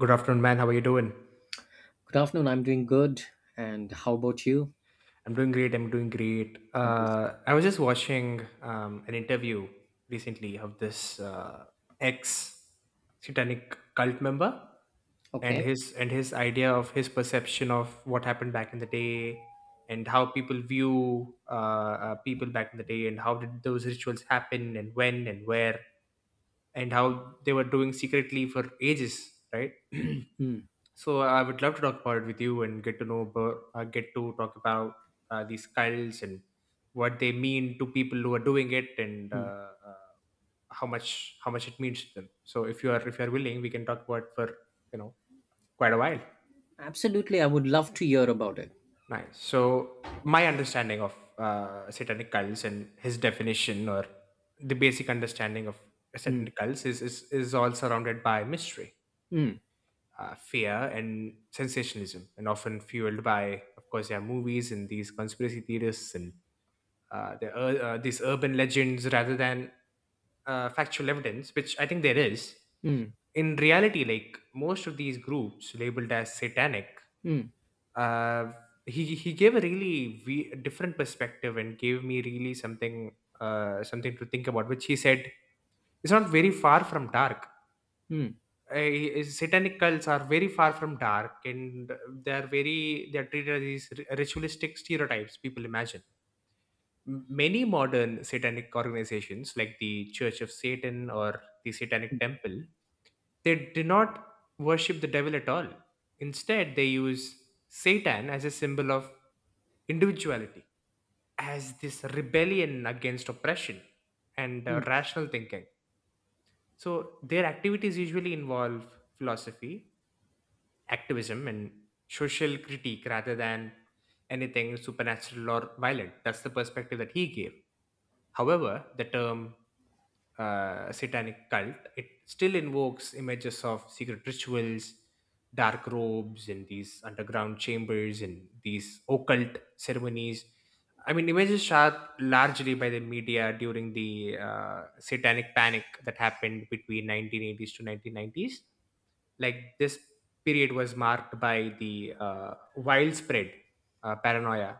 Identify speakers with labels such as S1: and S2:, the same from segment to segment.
S1: Good afternoon, man. How are you doing?
S2: Good afternoon. I'm doing good. And how about you?
S1: I'm doing great.
S2: Amazing.
S1: I was just watching an interview recently of this ex satanic cult member and
S2: Okay.
S1: his and his idea of his perception of what happened back in the day, and how people view people back in the day, and how did those rituals happen and when and where, and how they were doing secretly for ages, right?
S2: Mm,
S1: So I would love to talk about it with you and get to know about, get to talk about these cults and what they mean to people who are doing it and
S2: mm.
S1: how much it means to them. So if you are willing, we can talk about it for you know quite a while.
S2: Absolutely. I would love to hear about it.
S1: Nice. So my understanding of satanic cults and his definition, or the basic understanding of
S2: Mm,
S1: satanic cults, is all surrounded by mystery,
S2: mm,
S1: fear and sensationalism, and often fueled by, of course, their movies and these conspiracy theorists and these urban legends rather than factual evidence, which I think there is.
S2: mm,
S1: In reality, like most of these groups labeled as satanic,
S2: mm,
S1: uh, he gave a really different perspective and gave me really something to think about, which he said is not very far from dark.
S2: mm,
S1: Satanic cults are very far from dark, and they are very, they are treated as these ritualistic stereotypes people imagine. Many modern satanic organizations, like the Church of Satan or the Satanic Temple, they do not worship the devil at all. Instead, they use Satan as a symbol of individuality, as this rebellion against oppression and
S2: mm.
S1: rational thinking. So their activities usually involve philosophy, activism, and social critique rather than anything supernatural or violent. That's the perspective that he gave. However, the term satanic cult, it still invokes images of secret rituals, dark robes, and these underground chambers and these occult ceremonies. I mean, images shot largely by the media during the satanic panic that happened between 1980s to 1990s. Like this period was marked by the wild paranoia,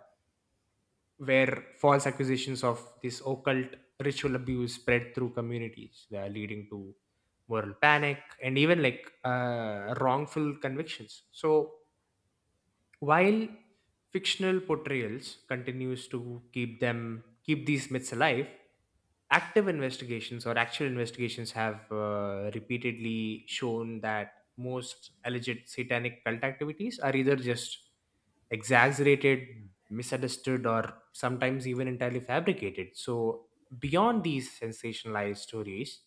S1: where false accusations of this occult ritual abuse spread through communities, leading to moral panic and even like wrongful convictions. So while fictional portrayals continues to keep these myths alive, active investigations, or actual investigations, have repeatedly shown that most alleged satanic cult activities are either just exaggerated, misunderstood, or sometimes even entirely fabricated. So, beyond these sensationalized stories,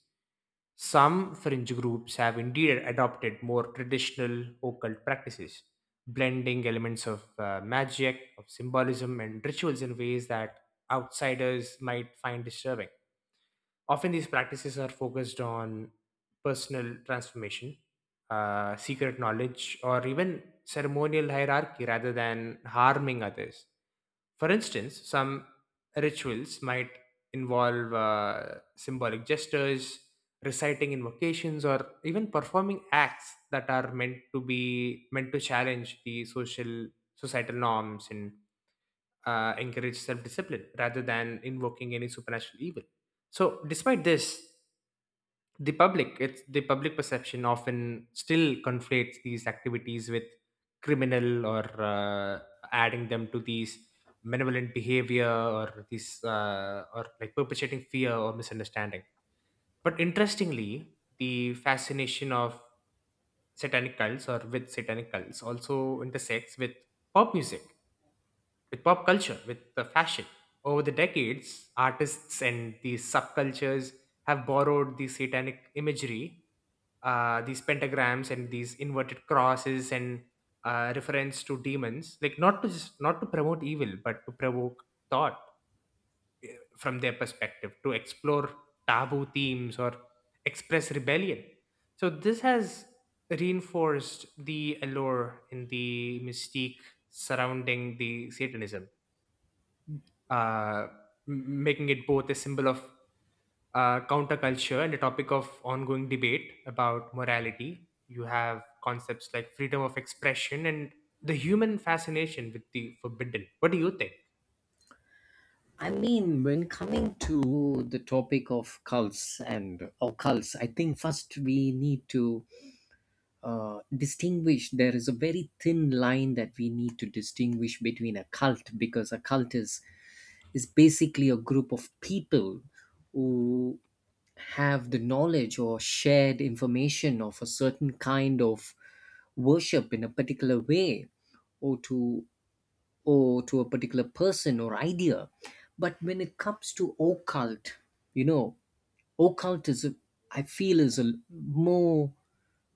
S1: some fringe groups have indeed adopted more traditional occult practices, blending elements of magic, of symbolism, and rituals in ways that outsiders might find disturbing. Often, these practices are focused on personal transformation, secret knowledge, or even ceremonial hierarchy rather than harming others. For instance, some rituals might involve symbolic gestures, reciting invocations, or even performing acts that are meant to challenge the social, societal norms and encourage self-discipline rather than invoking any supernatural evil. So, despite this, the public it's the public perception often still conflates these activities with criminal or adding them to these malevolent behavior, or these or like perpetuating fear or misunderstanding. But interestingly, the fascination of satanic cults, or with satanic cults, also intersects with pop music, with pop culture, with the fashion. Over the decades, artists and these subcultures have borrowed the satanic imagery, these pentagrams and these inverted crosses, and reference to demons, like not to promote evil but to provoke thought, from their perspective, to explore taboo themes or express rebellion. So this has reinforced the allure in the mystique surrounding the satanism, uh, making it both a symbol of counterculture and the topic of ongoing debate about morality. You have concepts like freedom of expression and the human fascination with the forbidden. What do you think?
S2: I mean, when coming to the topic of cults and occults, I think first we need to distinguish. There is a very thin line that we need to distinguish between a cult, because a cult is basically a group of people who have the knowledge or shared information of a certain kind of worship in a particular way, or to or to a particular person or idea. But when it comes to occult, you know, occult is, I feel, is a more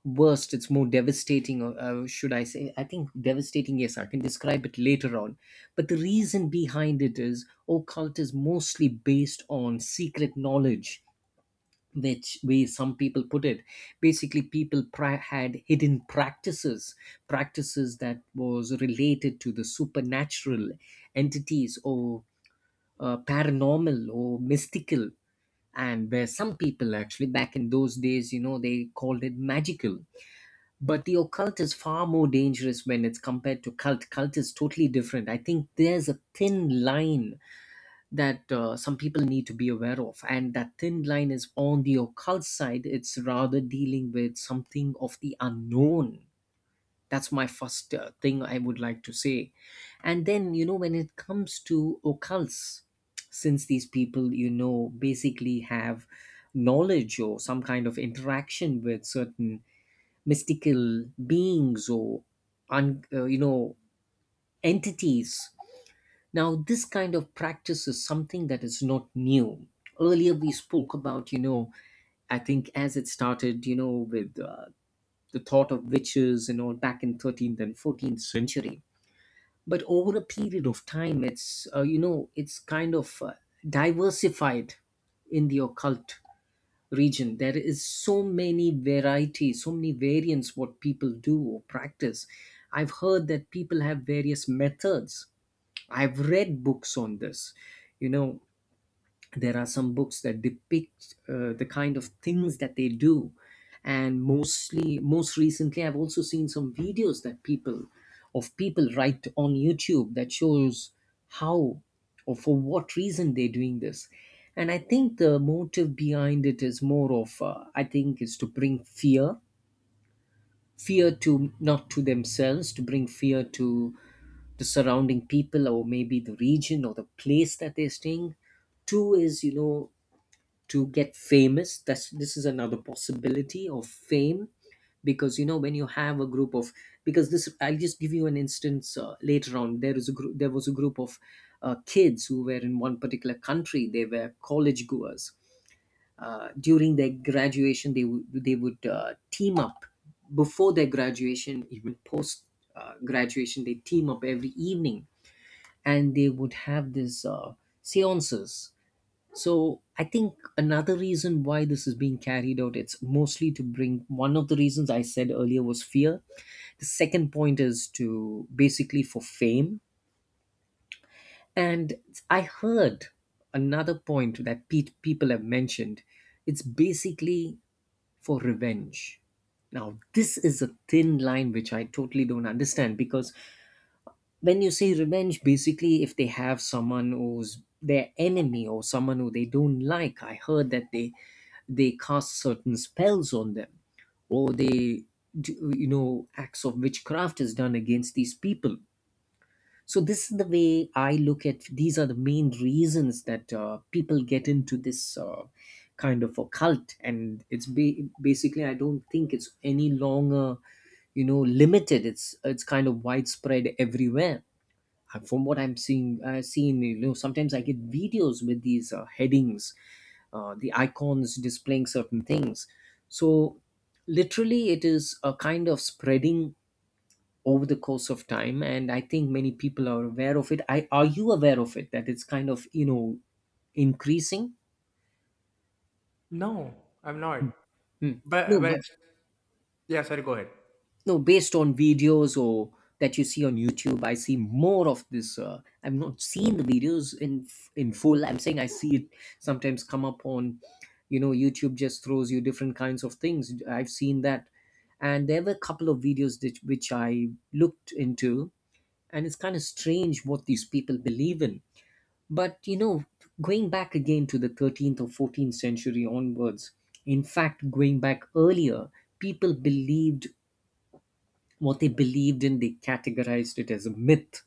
S2: worst, it's more devastating. Or, should I say, I think devastating. Yes, I can describe it later on, but the reason behind it is, occult is mostly based on secret knowledge, which way some people put it. Basically, people had hidden practices that was related to the supernatural entities, or paranormal or mystical. And where some people actually back in those days, they called it magical. But the occult is far more dangerous when it's compared to cult. Cult is totally different. I think there's a thin line that some people need to be aware of, and that thin line is, on the occult side, it's rather dealing with something of the unknown. That's my first thing I would like to say. And then, when it comes to occults, since these people, basically have knowledge or some kind of interaction with certain mystical beings or un- uh, you know entities. Now, this kind of practice is something that is not new. Earlier, we spoke about, I think as it started, with the thought of witches and all back in 13th and 14th century. But over a period of time, it's kind of diversified in the occult region. There is so many varieties, so many variants, what people do or practice. I've heard that people have various methods. I've read books on this. You know, there are some books that depict the kind of things that they do. And mostly, most recently, I've also seen some videos, of people right on YouTube, that shows how or for what reason they're doing this. And I think the motive behind it is more of, I think, is to bring fear. Fear, to not to themselves, to bring fear to the surrounding people, or maybe the region or the place that they're staying. Two is, to get famous. That's this is another possibility of fame. Because, when you have a group of, because this, I'll just give you an instance. Later on, there was a group of kids who were in one particular country. They were college goers. During their graduation, they would team up. Before their graduation, even post graduation, they team up every evening, and they would have these seances. So I think another reason why this is being carried out, it's mostly to bring, one of the reasons I said earlier was fear. The second point is, to basically for fame. And I heard another point that people have mentioned. It's basically for revenge. Now, this is a thin line which I totally don't understand, because when you say revenge, basically if they have someone who's their enemy, or someone who they don't like, I heard that they cast certain spells on them, or they acts of witchcraft is done against these people. So this is the way I look at. These are the main reasons that people get into this kind of a cult. And it's basically, I don't think it's any longer, limited. It's kind of widespread everywhere. From what I'm seeing, seen, sometimes I get videos with these headings, the icons displaying certain things. So, literally, it is a kind of spreading over the course of time, and I think many people are aware of it. I Are you aware of it, that it's kind of, increasing?
S1: No, I'm not.
S2: Hmm.
S1: But
S2: No,
S1: but
S2: but
S1: yeah, sorry, go ahead.
S2: no, based on videos, or that you see on YouTube, I see more of this. I've not seen the videos in full, I'm saying. I see it sometimes come up on, YouTube just throws you different kinds of things. I've seen that, and there were a couple of videos which I looked into, and it's kind of strange what these people believe in. But, going back again to the 13th or 14th century onwards, in fact going back earlier, people believed, what they believed in, they categorized it as a myth.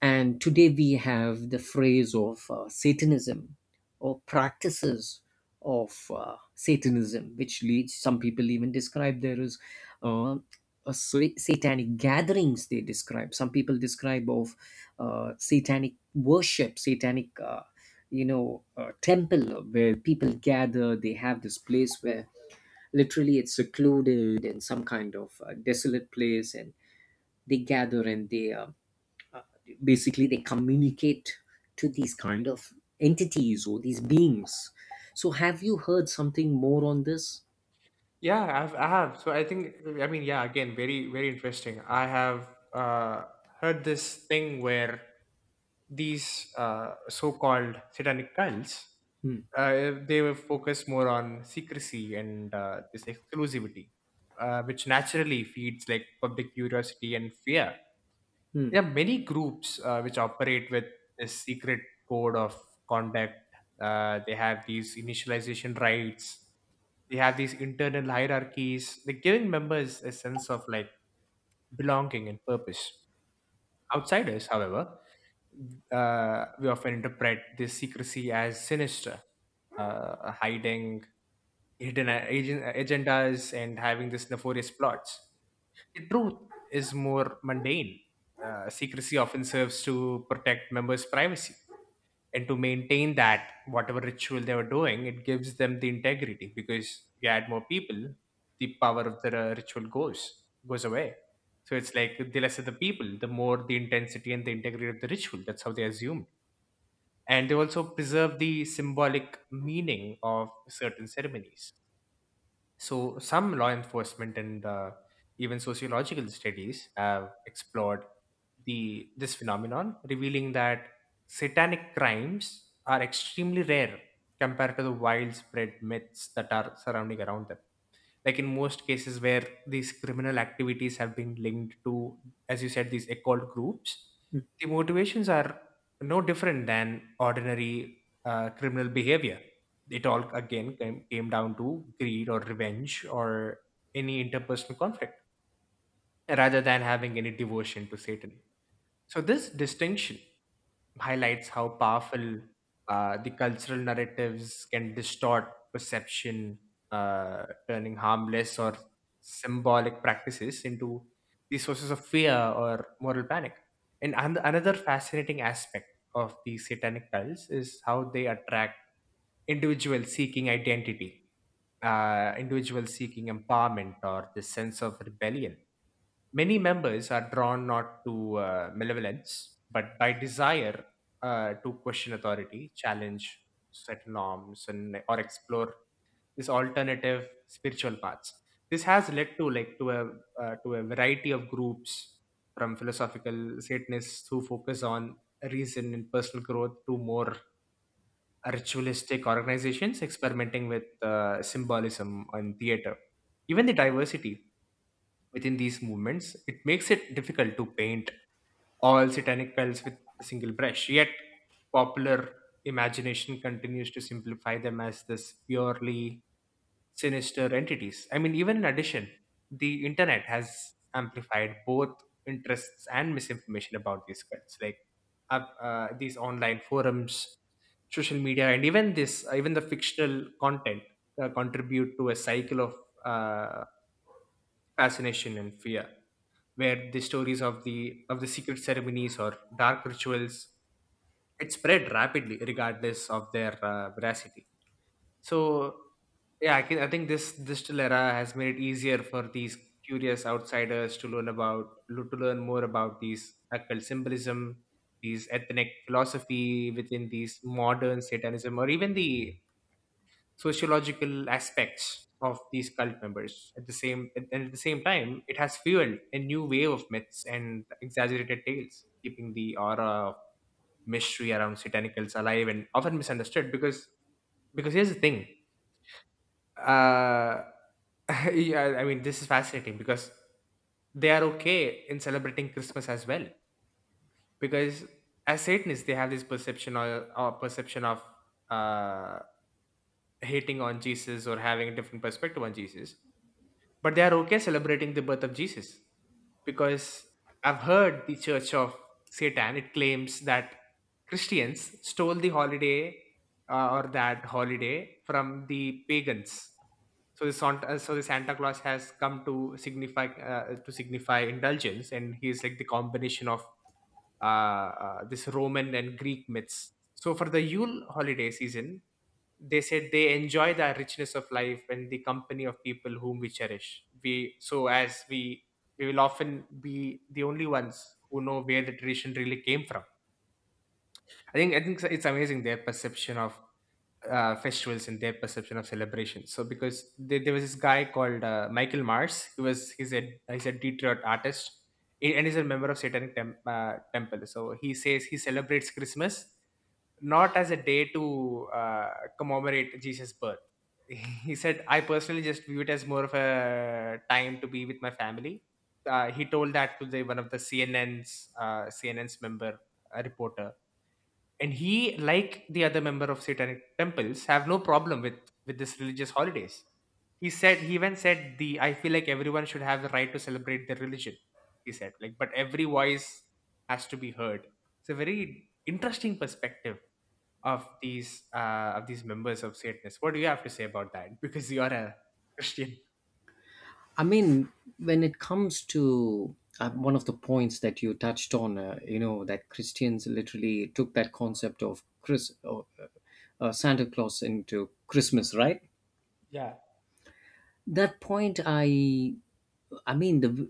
S2: And today we have the phrase of Satanism, or practices of Satanism, which leads, some people even describe there as uh, a satanic gatherings. They describe some people describe of satanic worship, satanic temple where people gather. They have this place where literally it's secluded in some kind of desolate place, and they gather and they uh, basically they communicate to these kind of entities, or these beings. So have you heard something more on this?
S1: I have. So I think, I mean, yeah, again, very very interesting. I have heard this thing where these so-called satanic cults,
S2: Hmm,
S1: they were focused more on secrecy and this exclusivity, which naturally feeds like public curiosity and fear.
S2: hmm.
S1: There are many groups which operate with this secret code of conduct. They have these initialization rights. They have these internal hierarchies. They're giving members a sense of like belonging and purpose. Outsiders, however, we often interpret this secrecy as sinister, hiding hidden agendas and having these nefarious plots. The truth is more mundane. Secrecy often serves to protect members' privacy and to maintain that whatever ritual they were doing, it gives them the integrity because you add more people, the power of the ritual goes away. So it's like the lesser the people, the more the intensity and the integrity of the ritual. That's how they assumed. And they also preserve the symbolic meaning of certain ceremonies. So, some law enforcement and even sociological studies have explored the this phenomenon, revealing that satanic crimes are extremely rare compared to the widespread myths that are surrounding around them. Like, in most cases where these criminal activities have been linked to, as you said, these occult groups, the motivations are no different than ordinary criminal behavior. It all again came down to greed or revenge or any interpersonal conflict rather than having any devotion to Satan. So this distinction highlights how powerful the cultural narratives can distort perception, turning harmless or symbolic practices into the sources of fear or moral panic. And another fascinating aspect of the satanic cults is how they attract individuals seeking identity, individuals seeking empowerment or the sense of rebellion. Many members are drawn not to malevolence, but by desire to question authority, challenge set norms, and or explore these alternative spiritual paths. This has led to to a variety of groups, from philosophical Satanists who focus on reason and personal growth to more ritualistic organizations experimenting with symbolism and theater. Even the diversity within these movements, it makes it difficult to paint all satanic bells with a single brush. Yet, popular imagination continues to simplify them as this purely sinister entities. I mean, even in addition, the internet has amplified both interests and misinformation about these cults, like these online forums, social media, and even even the fictional content contribute to a cycle of uh, fascination and fear, where the stories of the secret ceremonies or dark rituals, it spread rapidly regardless of their veracity. So yeah, I think this digital era has made it easier for these curious outsiders to learn about to learn more about these occult symbolism, these ethnic philosophy within these modern satanism, or even the sociological aspects of these cult members. At the same time, it has fueled a new wave of myths and exaggerated tales, keeping the aura of mystery around satanicals alive and often misunderstood. Because here's the thing, uh yeah, I mean, this is fascinating because they are okay in celebrating Christmas as well, because as Satanists, they have this or perception of uh hating on Jesus or having a different perspective on Jesus. But they are okay celebrating the birth of Jesus because I've heard the Church of Satan, it claims that Christians stole the holiday, or that holiday, from the pagans. So so the Santa Claus has come to signify indulgence, and he is like the combination of this Roman and Greek myths. So for the Yule holiday season, they said they enjoy the richness of life and the company of people whom we cherish. We so as we we will often be the only ones who know where the tradition really came from. I think it's amazing, their perception of festivals and their perception of celebration. So because there was this guy called Michael Mars. He's a Detroit artist, and he's a member of satanic Tem- Temple. So he says he celebrates Christmas, not as a day to commemorate Jesus' birth. He said, I personally just view it as more of a time to be with my family. He told that to the, one of the CNN's member, a reporter, and he, like the other member of Satanic temples, have no problem with this religious holidays. He said he even said the I feel like everyone should have the right to celebrate their religion. He said like, but every voice has to be heard. It's a very interesting perspective of these members of Satanists. What do you have to say about that? Because you are a Christian.
S2: I mean, when it comes to one of the points that you touched on, that Christians literally took that concept of chris Santa Claus into Christmas, right?
S1: Yeah,
S2: that point I mean, the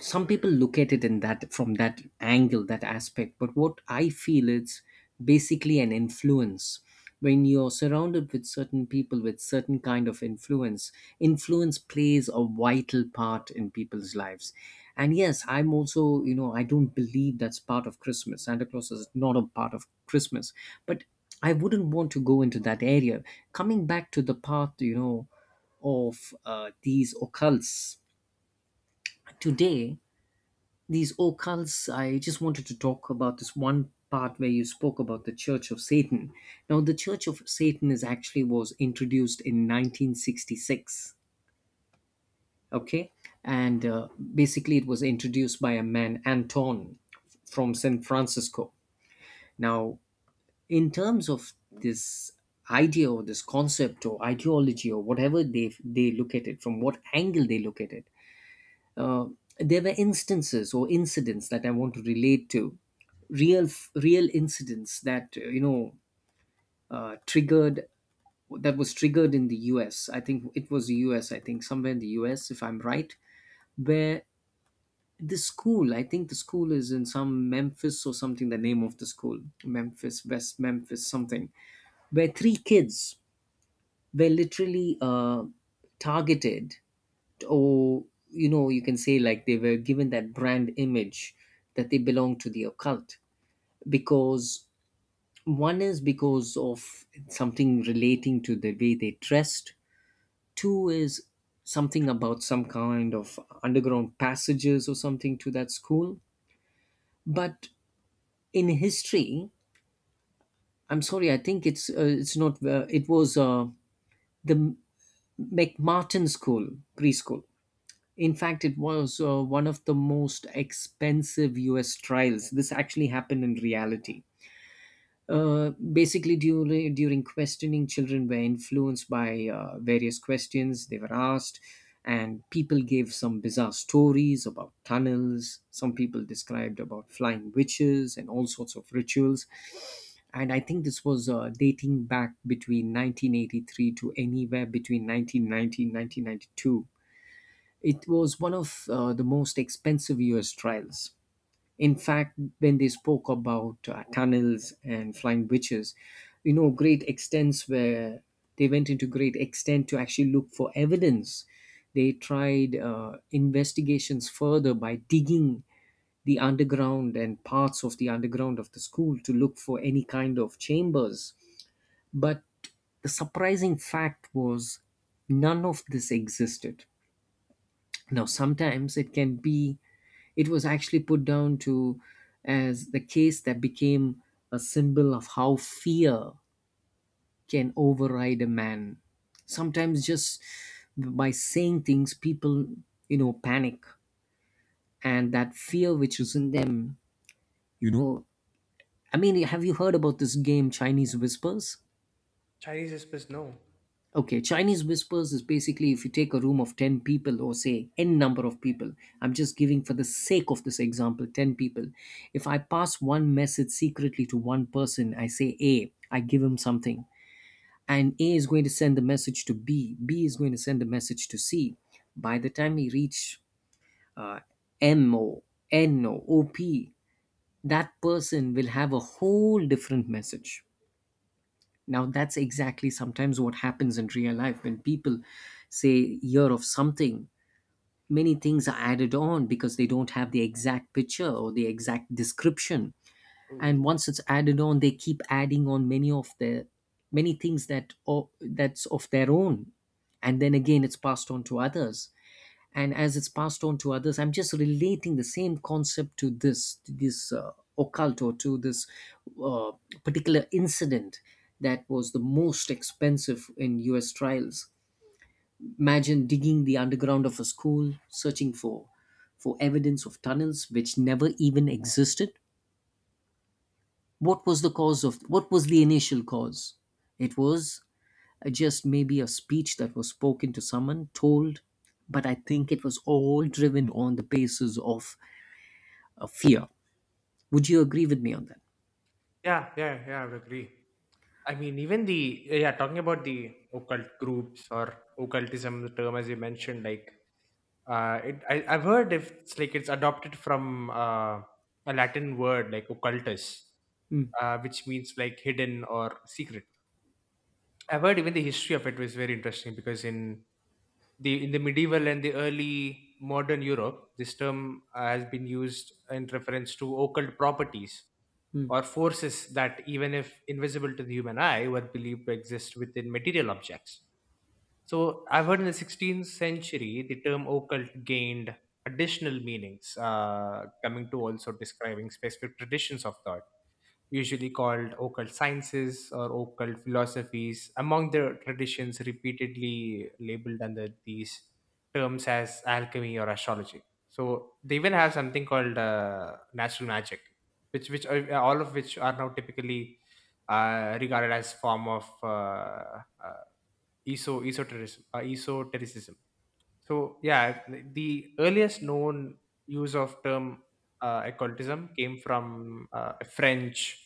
S2: some people look at it in that, from that angle, that aspect. But what I feel, it's basically an influence. When you're surrounded with certain people with certain kind of influence, influence plays a vital part in people's lives. And yes, I'm also, I don't believe that's part of Christmas. Santa Claus is not a part of Christmas. But I wouldn't want to go into that area. Coming back to the path, of these occults today, these occults, I just wanted to talk about this one part where you spoke about the Church of Satan. Now, the Church of Satan is actually was introduced in 1966. Okay. And basically, it was introduced by a man, Anton, from San Francisco. Now, in terms of this idea, or this concept, or ideology, or whatever, they look at it from what angle they look at it. Uh, there were instances or incidents that I want to relate to, real real incidents that you know triggered that was triggered in the U.S. I think it was the U.S. I think somewhere in the U.S., if I'm right, where, the school, I think the school is in some Memphis or something. The name of the school, Memphis West Memphis, something, where three kids were literally targeted, or, you can say, like, they were given that brand image, that they belong to the occult. Because, one is because of something relating to the way they dressed, two is something about some kind of underground passages or something to that school. But in history, I'm sorry, I think it's not it was the mcmartin school preschool. In fact, it was one of the most expensive U.S. trials. This actually happened in reality. Basically, during questioning, children were influenced by various questions they were asked, and people gave some bizarre stories about tunnels. Some people described about flying witches and all sorts of rituals. And I think this was, dating back between 1983 to anywhere between 1990 and 1992. It was one of, the most expensive US trials. In fact, when they spoke about tunnels and flying witches, great extents, where they went into great extent to actually look for evidence. They tried investigations further by digging the underground and parts of the underground of the school to look for any kind of chambers. But the surprising fact was, none of this existed. Now, sometimes it can be it was actually put down to, as the case that became a symbol of how fear can override a man. Sometimes just by saying things, people, panic. And that fear which is in them, you know. I mean, have you heard about this game, Chinese Whispers?
S1: Chinese whispers, no.
S2: Okay, Chinese whispers is basically, if you take a room of 10 people, or say n number of people, I'm just giving for the sake of this example 10 people. If I pass one message secretly to one person, I say A, I give him something, and A is going to send the message to B, B is going to send the message to C. By the time he reach uh, M O, N O, O P, that person will have a whole different message now. That's exactly sometimes what happens in real life when people say year of something. Many things are added on because they don't have the exact picture or the exact description. And
S1: Ooh.
S2: once it's added on, they keep adding on many of the many things that or, that's of their own, and then again it's passed on to others, and as it's passed on to others, I'm just relating the same concept to this occult, or to this uh, particular incident that was the most expensive in US trials. Imagine digging the underground of a school searching for evidence of tunnels which never even existed. What was the cause of what was the initial cause? It was just maybe a speech that was spoken to someone told, but I think it was all driven on the basis of fear. Would you agree with me on that?
S1: Yeah, yeah, yeah, I would agree. I mean, talking about the occult groups or occultism, the term as you mentioned, like I've heard if it's like it's adopted from a Latin word like occultus,
S2: Mm,
S1: which means like hidden or secret. I've heard even the history of it was very interesting because in the medieval and the early modern Europe, this term has been used in reference to occult properties
S2: mm.
S1: or forces that, even if invisible to the human eye, were believed to exist within material objects. So, I've heard in the 16th century, the term occult gained additional meanings, coming to also describing specific traditions of thought usually called occult sciences or occult philosophies, among the traditions repeatedly labeled under these terms as alchemy or astrology. So they even have something called natural magic, all of which are now typically regarded as form of uh, esotericism. Esotericism. So yeah, the earliest known use of term occultism came from French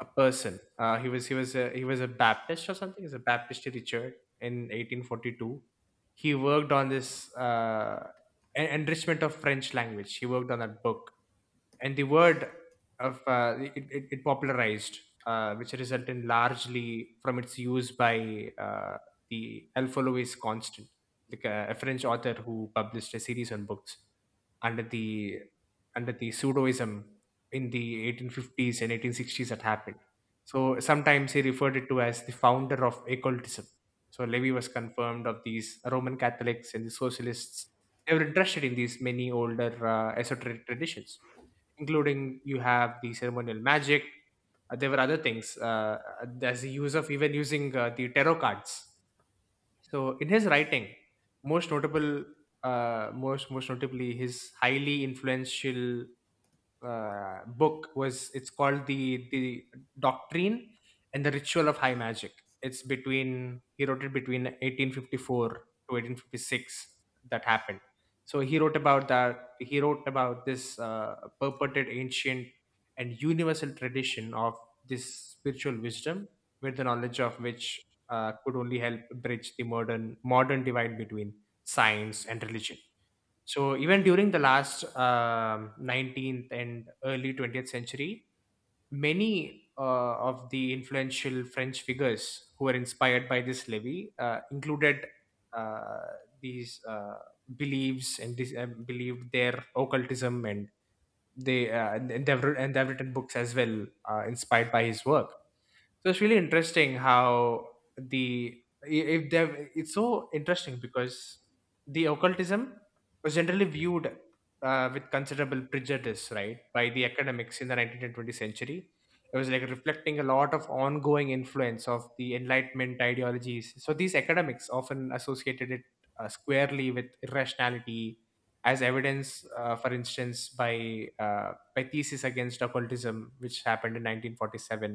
S1: a person. He was a Baptist or something. He's a Baptist Richard in 1842. He worked on this enrichment of French language. He worked on that book, and the word of it popularized, which resulted largely from its use by the Alpha Constant, like a French author who published a series on books under the under the pseudoism in the 1850s and 1860s that happened. So sometimes he referred it to as the founder of occultism. So Levy was confirmed of these Roman Catholics and the socialists. They were interested in these many older esoteric traditions, including you have the ceremonial magic. There were other things. There's the use of even using the tarot cards. So in his writing, most notable, most most notably, his highly influential book was, it's called the doctrine and the ritual of high magic. It's between he wrote it between 1854 to 1856, that happened. So he wrote about that. He wrote about this purported ancient and universal tradition of this spiritual wisdom, with the knowledge of which could only help bridge the modern divide between science and religion. So even during the last 19th and early 20th century, many of the influential French figures who were inspired by this Levy included these beliefs and believed their occultism, and they and they've writ- and they've written books as well inspired by his work. So it's really interesting how the I- if they it's so interesting because the occultism was generally viewed with considerable prejudice, right, by the academics in the 19th and 20th century. It was like reflecting a lot of ongoing influence of the Enlightenment ideologies. So these academics often associated it squarely with irrationality, as evidence, for instance, by thesis against occultism, which happened in 1947.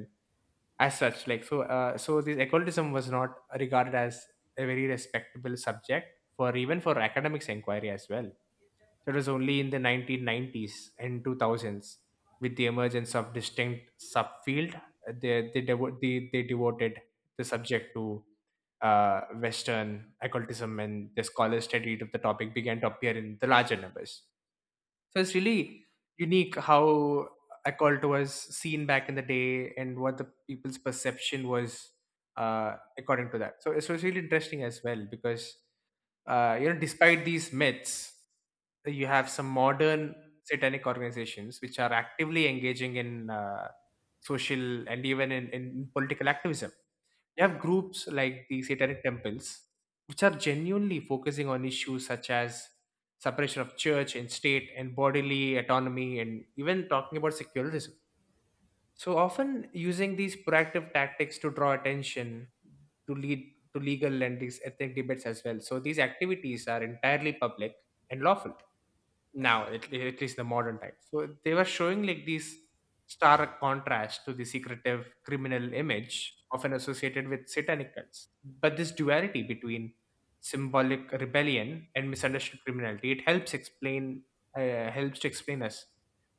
S1: As such, like, so this occultism was not regarded as a very respectable subject for even for academics inquiry as well. So it was only in the 1990s and 2000s with the emergence of distinct subfield they devoted the subject to uh, western occultism, and the scholars studied of the topic began to appear in the larger numbers. So it's really unique how occult was seen back in the day and what the people's perception was according to that. So it's was really interesting as well because you know, despite these myths, you have some modern satanic organizations which are actively engaging in social and even in political activism. You have groups like the Satanic Temples, which are genuinely focusing on issues such as separation of church and state and bodily autonomy and even talking about secularism. So often using these proactive tactics to draw attention to lead to legal and these ethnic debates as well. So these activities are entirely public and lawful now at, at least the modern time. So they were showing like these stark contrast to the secretive criminal image often associated with satanic cults. But this duality between symbolic rebellion and misunderstood criminality, it helps explain helps to explain us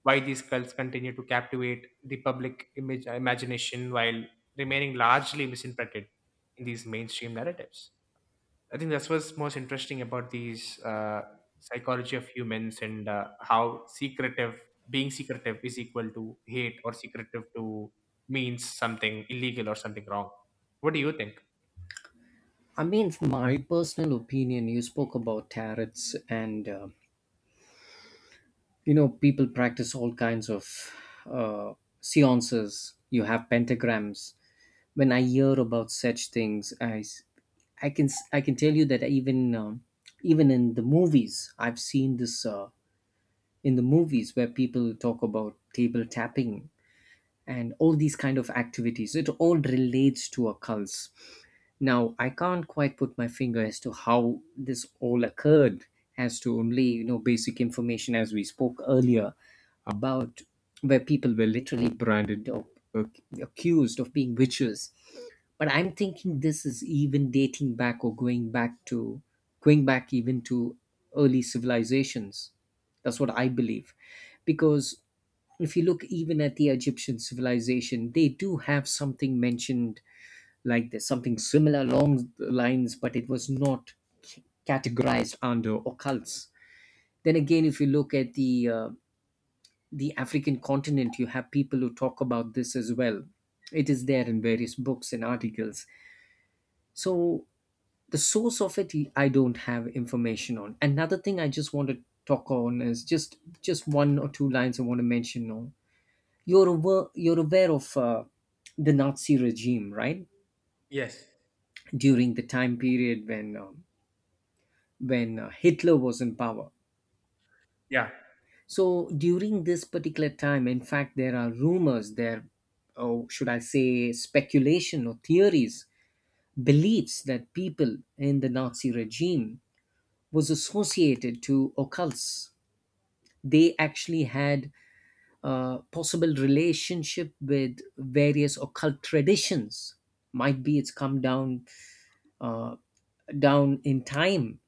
S1: why these cults continue to captivate the public image imagination while remaining largely misinterpreted in these mainstream narratives. I think that's what's most interesting about these psychology of humans and how secretive being secretive is equal to hate or secretive to means something illegal or something wrong. What do you think?
S2: I mean, from my personal opinion, you spoke about tarots, and you know, people practice all kinds of uh, seances. You have pentagrams. When I hear about such things, I can I can tell you that even even in the movies, I've seen this in the movies where people talk about table tapping and all these kind of activities. It all relates to occults. Now, I can't quite put my finger as to how this all occurred, as to only, you know, basic information as we spoke earlier about where people were literally branded or accused of being witches. But I'm thinking this is even dating back or going back to going back even to early civilizations. That's what I believe. Because if you look even at the Egyptian civilization, they do have something mentioned like there's something similar along the lines, but it was not categorized under occults. Then again, if you look at the African continent, you have people who talk about this as well. It is there in various books and articles. So the source of it, I don't have information on. Another thing I just want to talk on is just one or two lines I want to mention on. You're aware of the Nazi regime, right?
S1: Yes.
S2: During the time period when Hitler was in power.
S1: Yeah.
S2: So during this particular time, in fact, there are rumors, there, or should I say, speculation or theories, beliefs that people in the Nazi regime was associated to occults. They actually had a possible relationship with various occult traditions. Might be it's come down uh, down in time.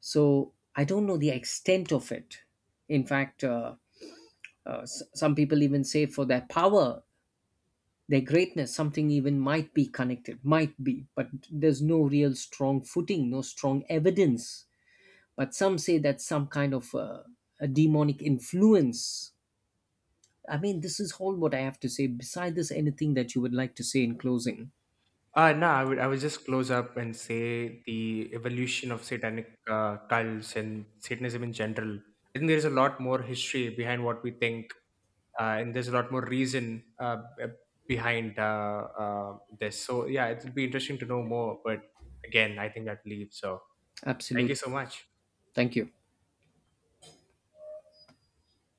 S2: So I don't know the extent of it. In fact, some people even say for their power, their greatness, something even might be connected, might be, but there's no real strong footing, no strong evidence. But some say that some kind of a demonic influence. I mean, this is all what I have to say. Beside this, anything that you would like to say in closing?
S1: No, I would just close up and say the evolution of satanic cults and Satanism in general. I think there is a lot more history behind what we think and there's a lot more reason behind this. So yeah, it will be interesting to know more. But again, I think that leaves. So thank you
S2: Absolutely.
S1: so much.
S2: Thank you.